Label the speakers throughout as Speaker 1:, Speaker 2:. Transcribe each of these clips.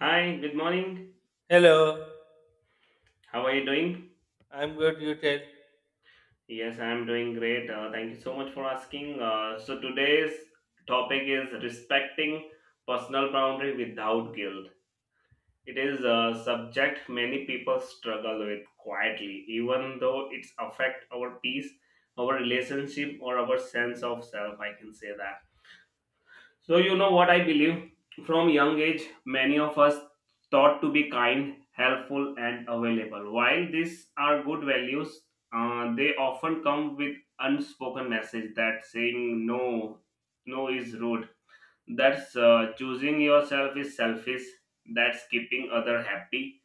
Speaker 1: Hi, good morning.
Speaker 2: Hello,
Speaker 1: How are you doing?
Speaker 2: I'm good. You tell.
Speaker 1: Yes, I'm doing great. Thank you so much for asking. Today's topic is respecting personal boundary without guilt. It is a subject many people struggle with quietly, even though it's affect our peace, our relationship, or our sense of self. I can say that. So, you know what I believe? From young age, many of us taught to be kind, helpful, and available. While these are good values, they often come with unspoken message that saying no is rude. That's Choosing yourself is selfish. That's keeping other happy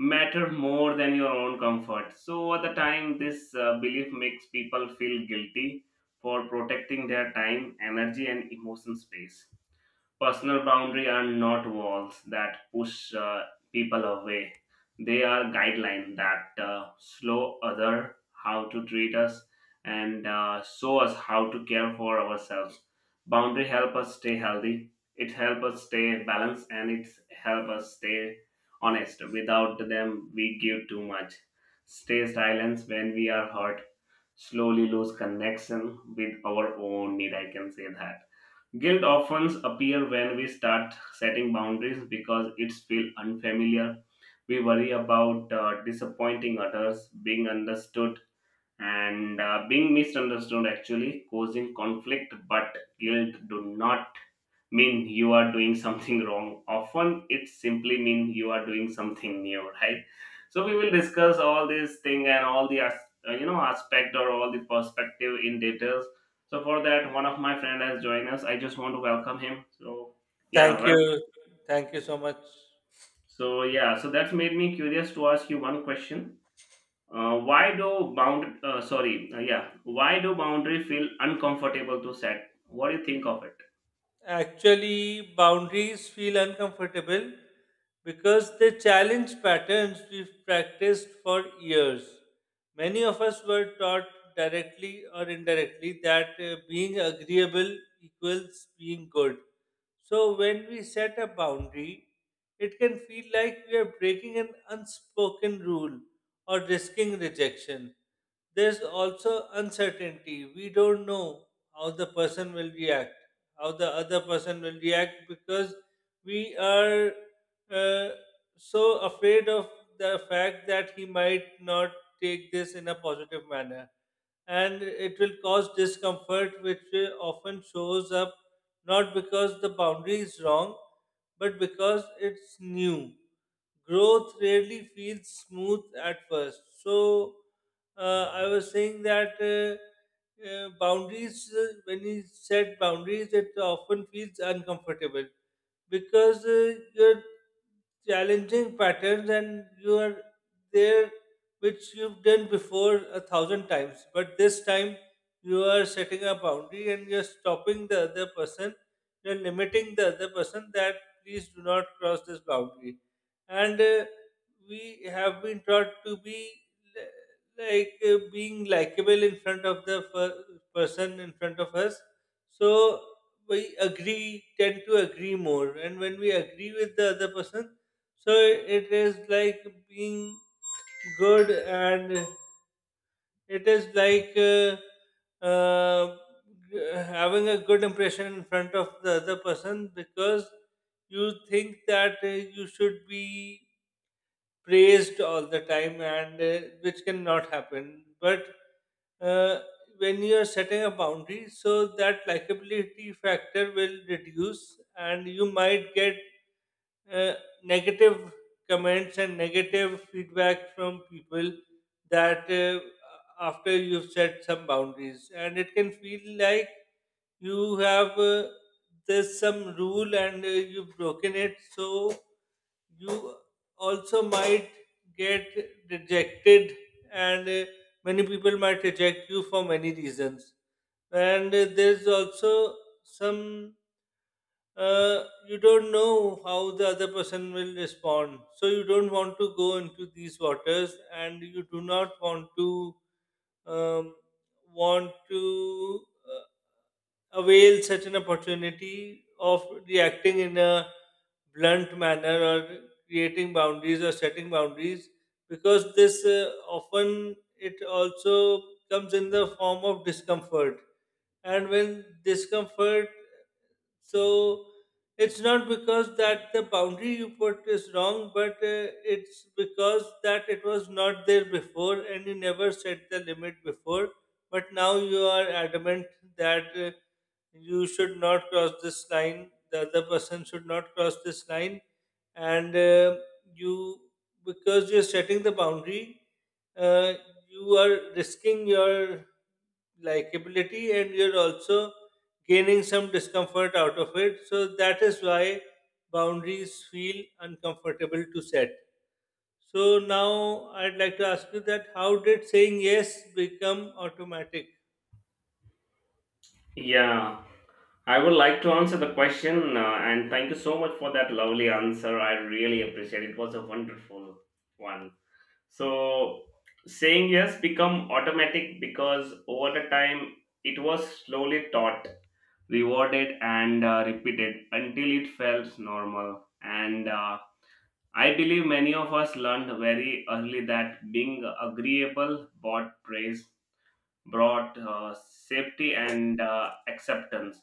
Speaker 1: matter more than your own comfort. So over the time, this belief makes people feel guilty for protecting their time, energy, and emotion space. Personal boundary are not walls that push people away. They are guidelines that slow other how to treat us and show us how to care for ourselves. Boundary help us stay healthy. It help us stay balanced and it help us stay honest. Without them, we give too much. Stay silent when we are hurt. Slowly lose connection with our own need. I can say that. Guilt often appears when we start setting boundaries because it's feel unfamiliar. We worry about disappointing others, being understood, and being misunderstood. Actually, causing conflict, but guilt do not mean you are doing something wrong. Often it simply mean you are doing something new, right? So we will discuss all these thing and you know aspect or all the perspective in details. So for that, one of my friend has joined us. I just want to welcome him. So yeah,
Speaker 2: Thank
Speaker 1: well,
Speaker 2: you. Thank you so much.
Speaker 1: so yeah, so that's made me curious to ask you one question. Why do bound sorry yeah, why do boundary feel uncomfortable to set? What do you think of it?
Speaker 2: Actually, boundaries feel uncomfortable because they challenge patterns we've practiced for years. Many of us were taught directly or indirectly that being agreeable equals being good. So, when we set a boundary, it can feel like we are breaking an unspoken rule or risking rejection. There's also uncertainty. We don't know how the person will react how the other person will react because we are uh, so afraid of the fact that he might not take this in a positive manner, and it will cause discomfort, which often shows up not because the boundary is wrong, but because it's new. Growth rarely feels smooth at first. So, I was saying that when you set boundaries, it often feels uncomfortable because you're challenging patterns, and you are there, which you've done before a thousand times, but this time you are setting a boundary and you're stopping the other person, you're limiting the other person that please do not cross this boundary. And we have been taught to be being likable in front of the person in front of us. So we agree tend to agree more, and when we agree with the other person, so it is like being good, and it is like uh, having a good impression in front of the other person because you think that you should be praised all the time, and which cannot happen. But uh, when you are setting a boundary, so that likability factor will reduce, and you might get uh, negative comments and negative feedback from people, that after you've set some boundaries, and it can feel like you have there's some rule and you've broken it, so you also might get rejected. And many people might reject you for many reasons. And there's also some you don't know how the other person will respond. So you don't want to go into these waters, and you do not want to um, want to avail such an opportunity of reacting in a blunt manner, or creating boundaries, or setting boundaries, because this often it also comes in the form of discomfort. And when discomfort so It's not because that the boundary you put is wrong, but it's because that it was not there before and you never set the limit before. But now you are adamant that you should not cross this line, the other person should not cross this line, and you, because you're setting the boundary, uh, you are risking your likability, and you're also gaining some discomfort out of it. So that is why boundaries feel uncomfortable to set. So now I'd like to ask you that how did saying yes become automatic?
Speaker 1: Yeah, I would like to answer the question, and thank you so much for that lovely answer. I really appreciate it. It was a wonderful one. So, saying yes become automatic because over the time it was slowly taught, rewarded, and repeated until it felt normal. And I believe many of us learned very early that being agreeable brought praise, brought safety, and acceptance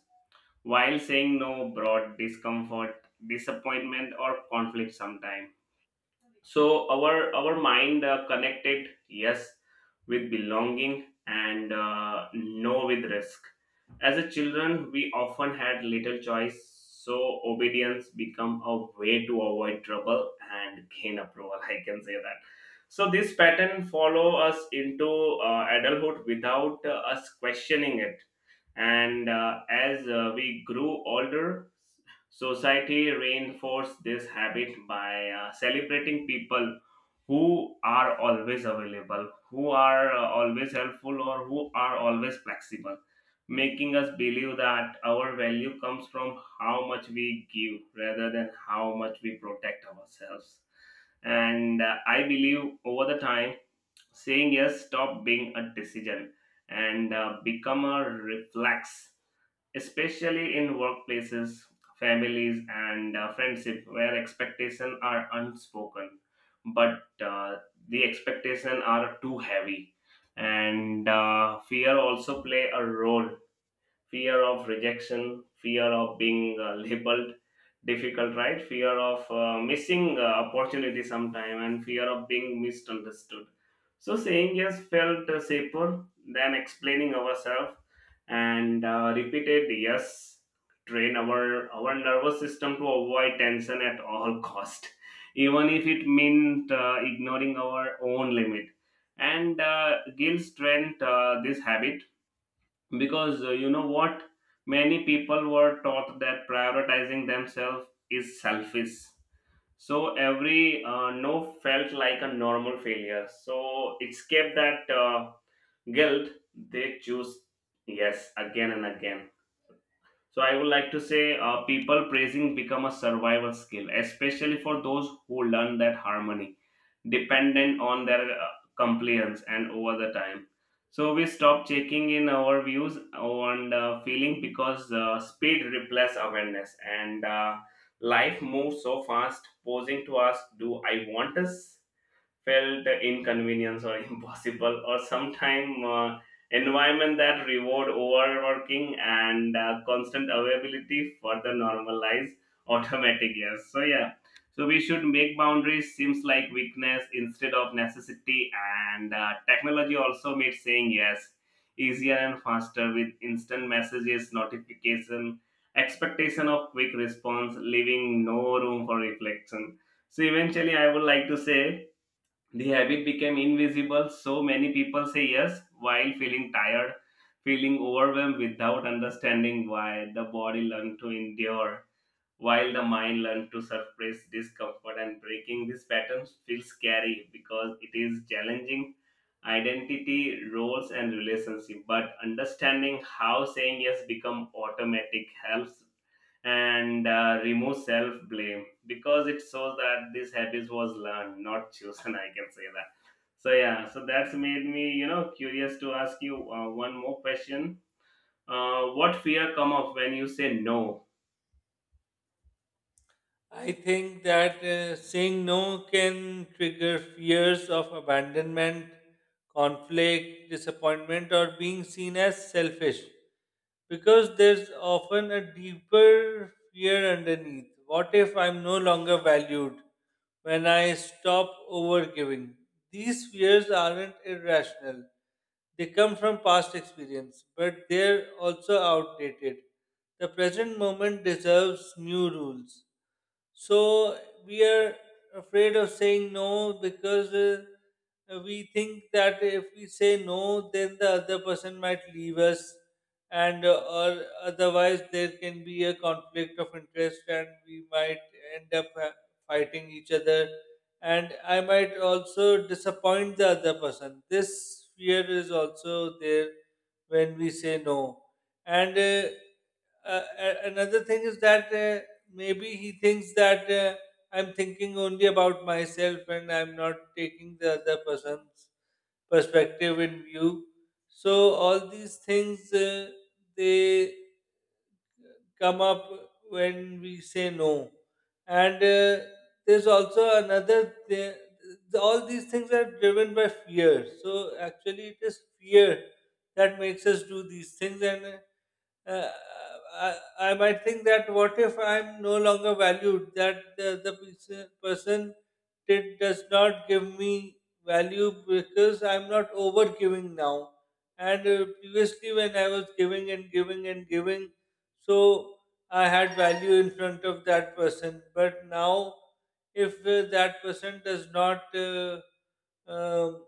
Speaker 1: while saying no brought discomfort, disappointment, or conflict sometimes. So our mind connected yes with belonging and no with risk. As a children, we often had little choice, so obedience become a way to avoid trouble and gain approval. I can say that. So this pattern follow us into adulthood without us questioning it. And as we grew older, society reinforces this habit by celebrating people who are always available, who are always helpful, or who are always flexible, making us believe that our value comes from how much we give rather than how much we protect ourselves. And I believe over the time, saying yes stop being a decision and become a reflex, especially in workplaces, families, and friendship where expectations are unspoken, but the expectations are too heavy. And fear also play a role: fear of rejection, fear of being labeled difficult, right? Fear of missing opportunity sometime, and fear of being misunderstood. So saying yes felt safer than explaining ourselves. And repeated yes train our nervous system to avoid tension at all cost, even if it meant ignoring our own limit. And guilt strength this habit, because you know what, many people were taught that prioritizing themselves is selfish, so every no felt like a normal failure. So escape that guilt, they choose yes again and again. So I would like to say people praising become a survival skill, especially for those who learn that harmony dependent on their compliance. And over the time, so we stop checking in our views on the feeling because speed replaces awareness. And life moves so fast, posing to ask, do I want this? Felt inconvenience or impossible. Or sometime environment that reward overworking and constant availability further normalize automatic yes. So yeah, so we should make boundaries seems like weakness instead of necessity. And technology also made saying yes easier and faster with instant messages notification, expectation of quick response leaving no room for reflection. So eventually I would like to say the habit became invisible, so many people say yes while feeling tired, feeling overwhelmed without understanding why. The body learned to endure while the mind learns to suppress discomfort, and breaking these patterns feels scary because it is challenging identity roles and relationship. But understanding how saying yes become automatic helps and remove self blame, because it shows that this habit was learned, not chosen. I can say that. So yeah, so that's made me you know curious to ask you one more question. What fear come up when you say no?
Speaker 2: I think that saying no can trigger fears of abandonment, conflict, disappointment, or being seen as selfish, because there's often a deeper fear underneath. What if I'm no longer valued when I stop overgiving? These fears aren't irrational, they come from past experience, but they're also outdated. The present moment deserves new rules. So we are afraid of saying no because we think that if we say no, then the other person might leave us, and or otherwise there can be a conflict of interest, and we might end up fighting each other, and I might also disappoint the other person. This fear is also there when we say no. and. Uh, Another thing is that maybe he thinks that I'm thinking only about myself, and I'm not taking the other person's perspective in view. So all these things they come up when we say no, and there's also another thing. All these things are driven by fear. So actually, it is fear that makes us do these things. And. uh, uh, I, I might think that what if I'm no longer valued, that the person does not give me value because I'm not over giving now. And previously, when I was giving and giving and giving, so I had value in front of that person. But now, if that person does not um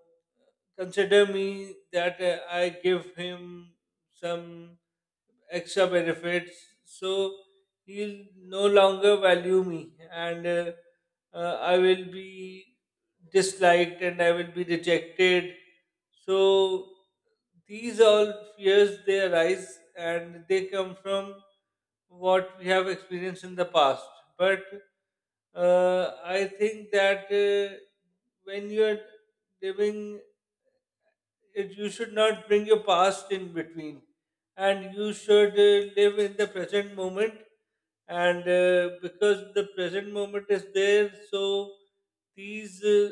Speaker 2: consider me, that I give him some extra benefits. So you'll no longer value me, and I will be disliked and I will be rejected. So these all fears, they arise and they come from what we have experienced in the past. But I think that when you are living it, you should not bring your past in between, and you should live in the present moment, and because the present moment is there, so these uh,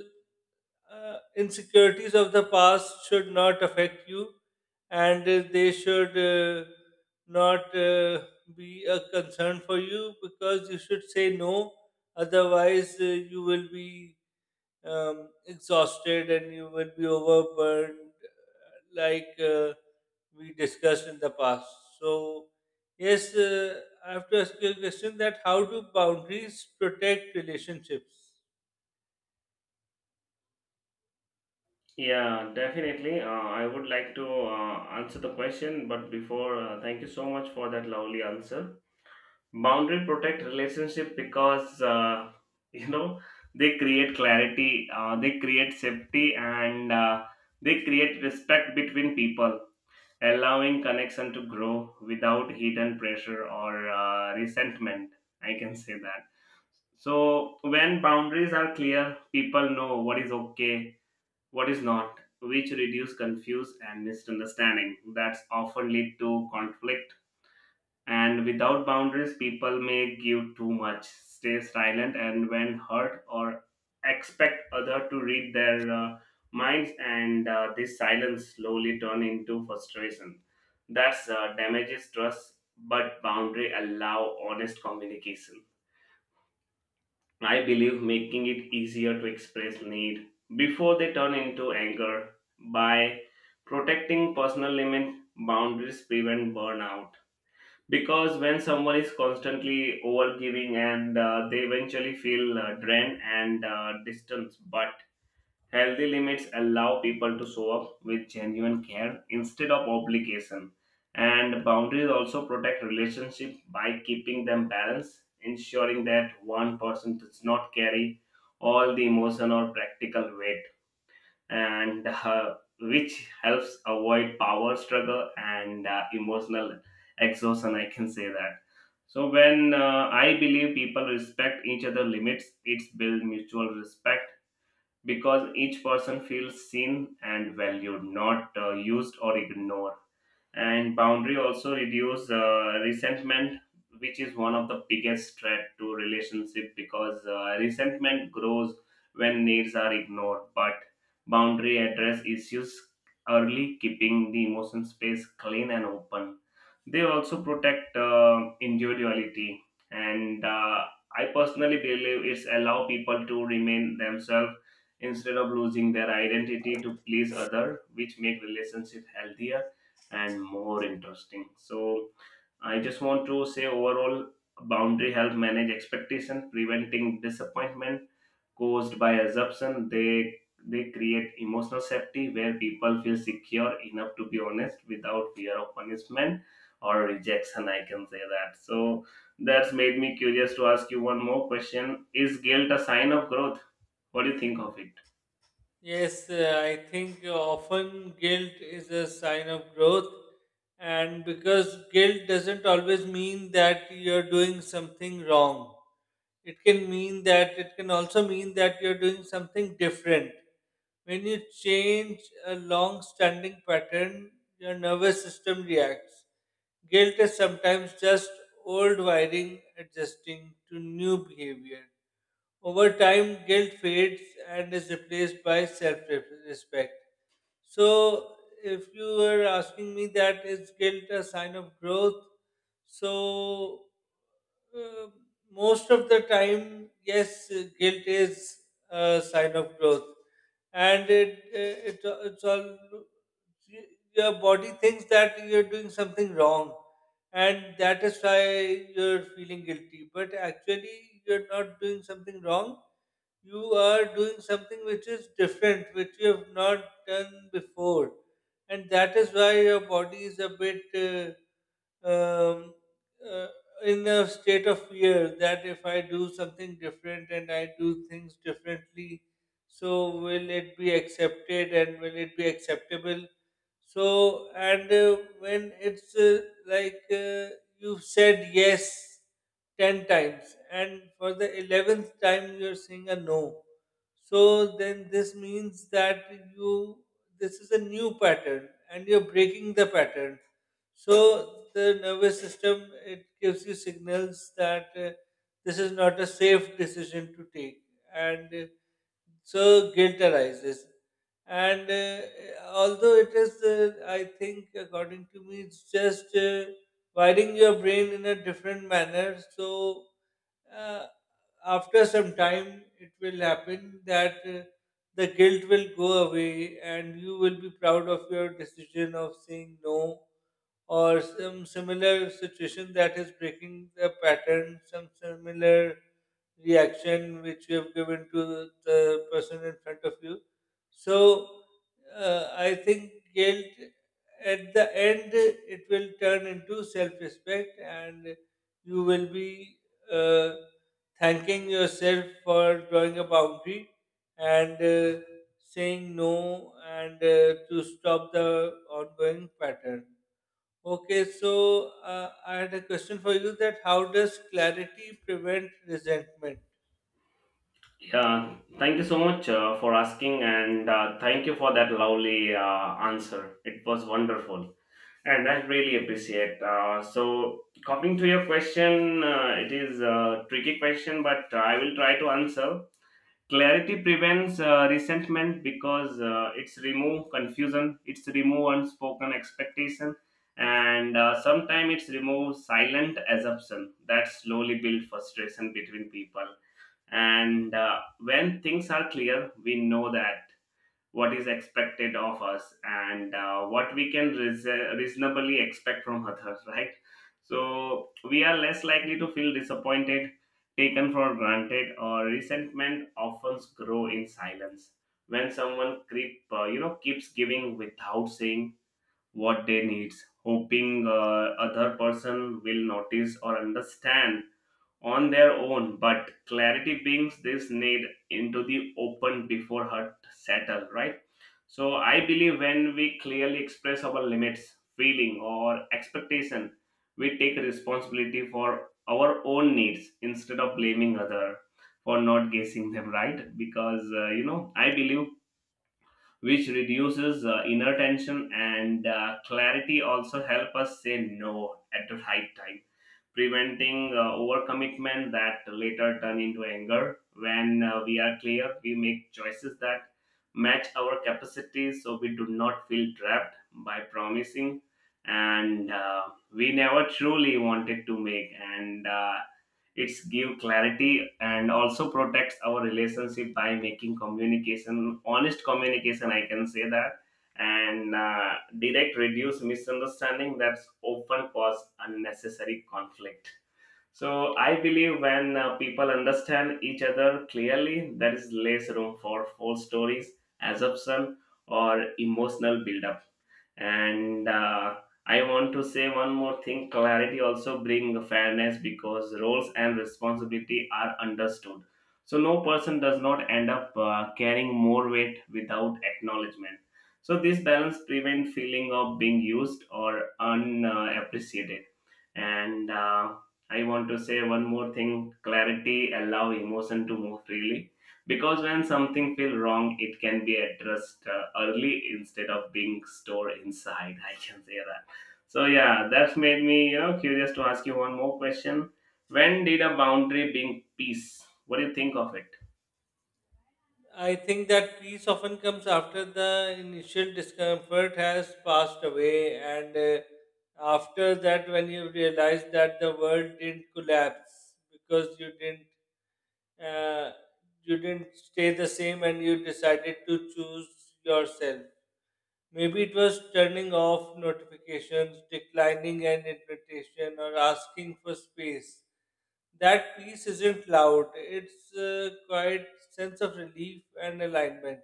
Speaker 2: uh, insecurities of the past should not affect you, and they should not be a concern for you, because you should say no, otherwise you will be exhausted and you will be overburdened like we discussed in the past. So, yes, I have to ask you a question, that how do boundaries protect relationships?
Speaker 1: Yeah, definitely. I would like to answer the question, but before, thank you so much for that lovely answer. Boundary protect relationship because you know, they create clarity, they create safety, and they create respect between people, allowing connection to grow without hidden pressure or resentment. I can say that. So when boundaries are clear, people know what is okay, what is not, which reduce confuse and misunderstanding that's often lead to conflict. And without boundaries, people may give too much, stay silent, and when hurt or expect other to read their minds. And this silence slowly turn into frustration. That's damages trust, but boundary allow honest communication, I believe, making it easier to express need before they turn into anger. By protecting personal limit, boundaries prevent burnout, because when someone is constantly overgiving, and they eventually feel drained and distanced. But healthy limits allow people to show up with genuine care instead of obligation. And boundaries also protect relationships by keeping them balanced, ensuring that one person does not carry all the emotion or practical weight, and which helps avoid power struggle and emotional exhaustion. I can say that. So when I believe people respect each other limits, it's build mutual respect, because each person feels seen and valued, not used or ignored. And boundary also reduce resentment, which is one of the biggest threat to relationship, because resentment grows when needs are ignored. But boundary address issues early, keeping the emotion space clean and open. They also protect individuality, and I personally believe it's allow people to remain themselves instead of losing their identity to please other, which make relationship healthier and more interesting. So I just want to say overall, boundary help manage expectation, preventing disappointment caused by assumption. They create emotional safety where people feel secure enough to be honest without fear of punishment or rejection. I can say that. So that's made me curious to ask you one more question. Is guilt a sign of growth? What do you think of it?
Speaker 2: Yes, I think often guilt is a sign of growth, and because guilt doesn't always mean that you're doing something wrong, it can also mean that you're doing something different. When you change a long standing pattern, your nervous system reacts. Guilt is sometimes just old wiring adjusting to new behavior. Over time, guilt fades and is replaced by self respect. So, if you were asking me that is guilt a sign of growth, so uh, most of the time, yes, guilt is a sign of growth, and it it it's all y- your body thinks that you're doing something wrong, and that is why you're feeling guilty. But actually, you're not doing something wrong, you are doing something which is different, which you have not done before. And that is why your body is a bit um, uh, in a state of fear that if I do something different, and I do things differently, so will it be accepted and will it be acceptable? So, and when it's like you've said yes 10 times, and for the 11th time you're saying a no, so then this means that you this is a new pattern and you're breaking the pattern, so the nervous system it gives you signals that this is not a safe decision to take, and so guilt arises. And although it is, I think, according to me, it's just wiring your brain in a different manner. So uh, after some time, it will happen that the guilt will go away, and you will be proud of your decision of saying no, or some similar situation that is breaking the pattern, some similar reaction which you have given to the person in front of you. So I think guilt at the end it will turn into self-respect, and you will be uh, thanking yourself for drawing a boundary, and saying no, and to stop the ongoing pattern. Okay, so I had a question for you, that how does clarity prevent resentment?
Speaker 1: Thank you so much for asking, and thank you for that lovely answer. It was wonderful, and I really appreciate. So, coming to your question, it is a tricky question, but I will try to answer. Clarity prevents resentment because it's remove confusion, it's remove unspoken expectation, and sometimes it's remove silent assumption that slowly build frustration between people. And when things are clear, we know that what is expected of us and what we can reasonably expect from others, right? So we are less likely to feel disappointed, taken for granted. Or resentment often grow in silence when someone creep you know, keeps giving without saying what they needs, hoping other person will notice or understand on their own. But clarity brings this need into the open before hurt settle, right? So I believe when we clearly express our limits, feeling or expectation, we take responsibility for our own needs instead of blaming other for not guessing them right, because you know, I believe, which reduces inner tension. And clarity also help us say no at the right time, preventing overcommitment that later turn into anger. When we are clear, we make choices that match our capacities, so we do not feel trapped by promising, and we never truly wanted to make. And it's give clarity and also protects our relationship by making communication honest communication, I can say that. And direct reduce misunderstanding that's often cause unnecessary conflict. So I believe when people understand each other clearly, there is less room for false stories, assumption, or emotional buildup. And I want to say one more thing: clarity also bring fairness because roles and responsibility are understood. So no person does not end up carrying more weight without acknowledgement. So this balance prevent feeling of being used or unappreciated. And I want to say one more thing: clarity allow emotion to move freely, because when something feels wrong, it can be addressed early instead of being stored inside. I can say that. So, yeah, that's made me you know curious to ask you one more question. When did a boundary bring peace? What do you think of it?
Speaker 2: I think that peace often comes after the initial discomfort has passed away, and after that, when you realize that the world didn't collapse, because uh, you didn't stay the same, and you decided to choose yourself. Maybe it was turning off notifications, declining an invitation, or asking for space. That peace isn't loud. It's a quiet sense of relief and alignment,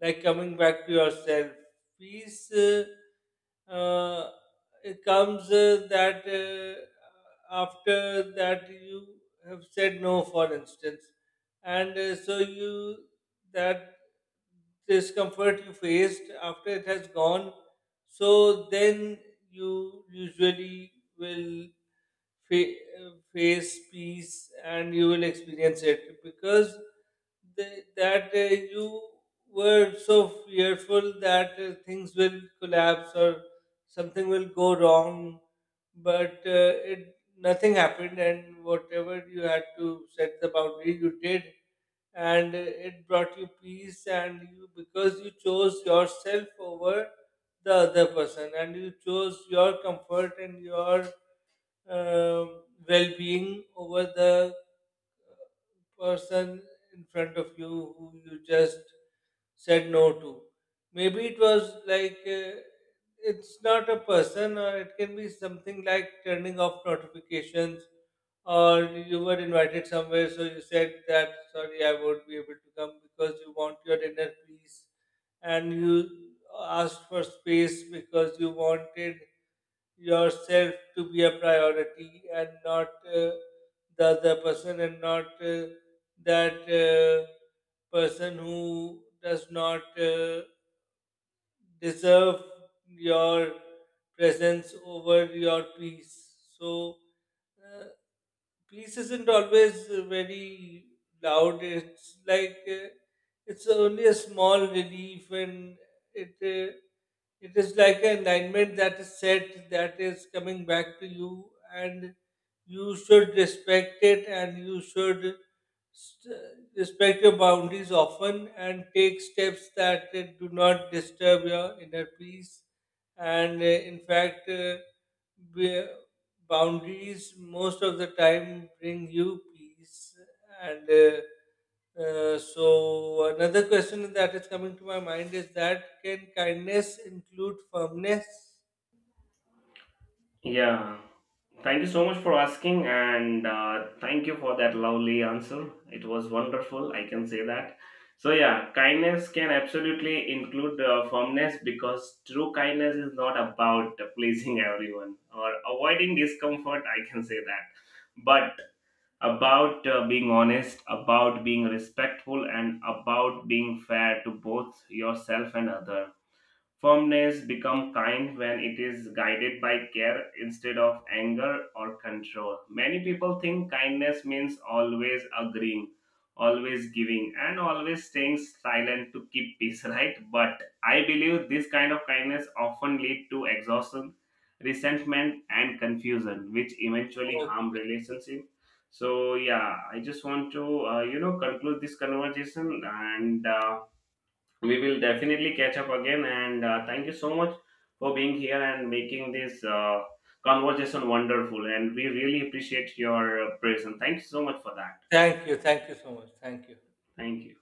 Speaker 2: like coming back to yourself. Peace uh, it comes that After that you have said no, for instance, and so you that discomfort you faced after it has gone, so then you usually will face peace, and you will experience it, because that you were so fearful that things will collapse or something will go wrong, but it nothing happened, and whatever you had to set the boundary you did, and it brought you peace, and you, because you chose yourself over the other person, and you chose your comfort and your well-being over the person in front of you who you just said no to. Maybe it was like it's not a person, or it can be something like turning off notifications, or you were invited somewhere, so you said that sorry, I won't be able to come, because you want your inner peace, and you asked for space because you wanted yourself to be a priority, and not the other person, and not that person who does not deserve your presence over your peace. So uh, peace isn't always very loud. It's like it's only a small relief, and it uh, it is like an alignment that is set, that is coming back to you, and you should respect it, and you should st- respect your boundaries often, and take steps that do not disturb your inner peace, and in fact. Be, Boundaries most of the time bring you peace, and so another question that is coming to my mind is that can kindness include firmness?
Speaker 1: Yeah. Thank you so much for asking, and thank you for that lovely answer. It was wonderful, I can say that. So, yeah, kindness can absolutely include firmness, because true kindness is not about pleasing everyone or avoiding discomfort, I can say that. But about being honest, about being respectful, and about being fair to both yourself and other. Firmness become kind when it is guided by care instead of anger or control. Many people think kindness means always agreeing, always giving, and always staying silent to keep peace, right? But I believe this kind of kindness often lead to exhaustion, resentment, and confusion, which eventually harm
Speaker 2: Okay.
Speaker 1: relationship. So yeah, I just want to you know, conclude this conversation. And we will definitely catch up again, and thank you so much for being here and making this conversation wonderful. And we really appreciate your presence. Thank you so much for that.
Speaker 2: Thank you. Thank you so much. Thank you.
Speaker 1: Thank you.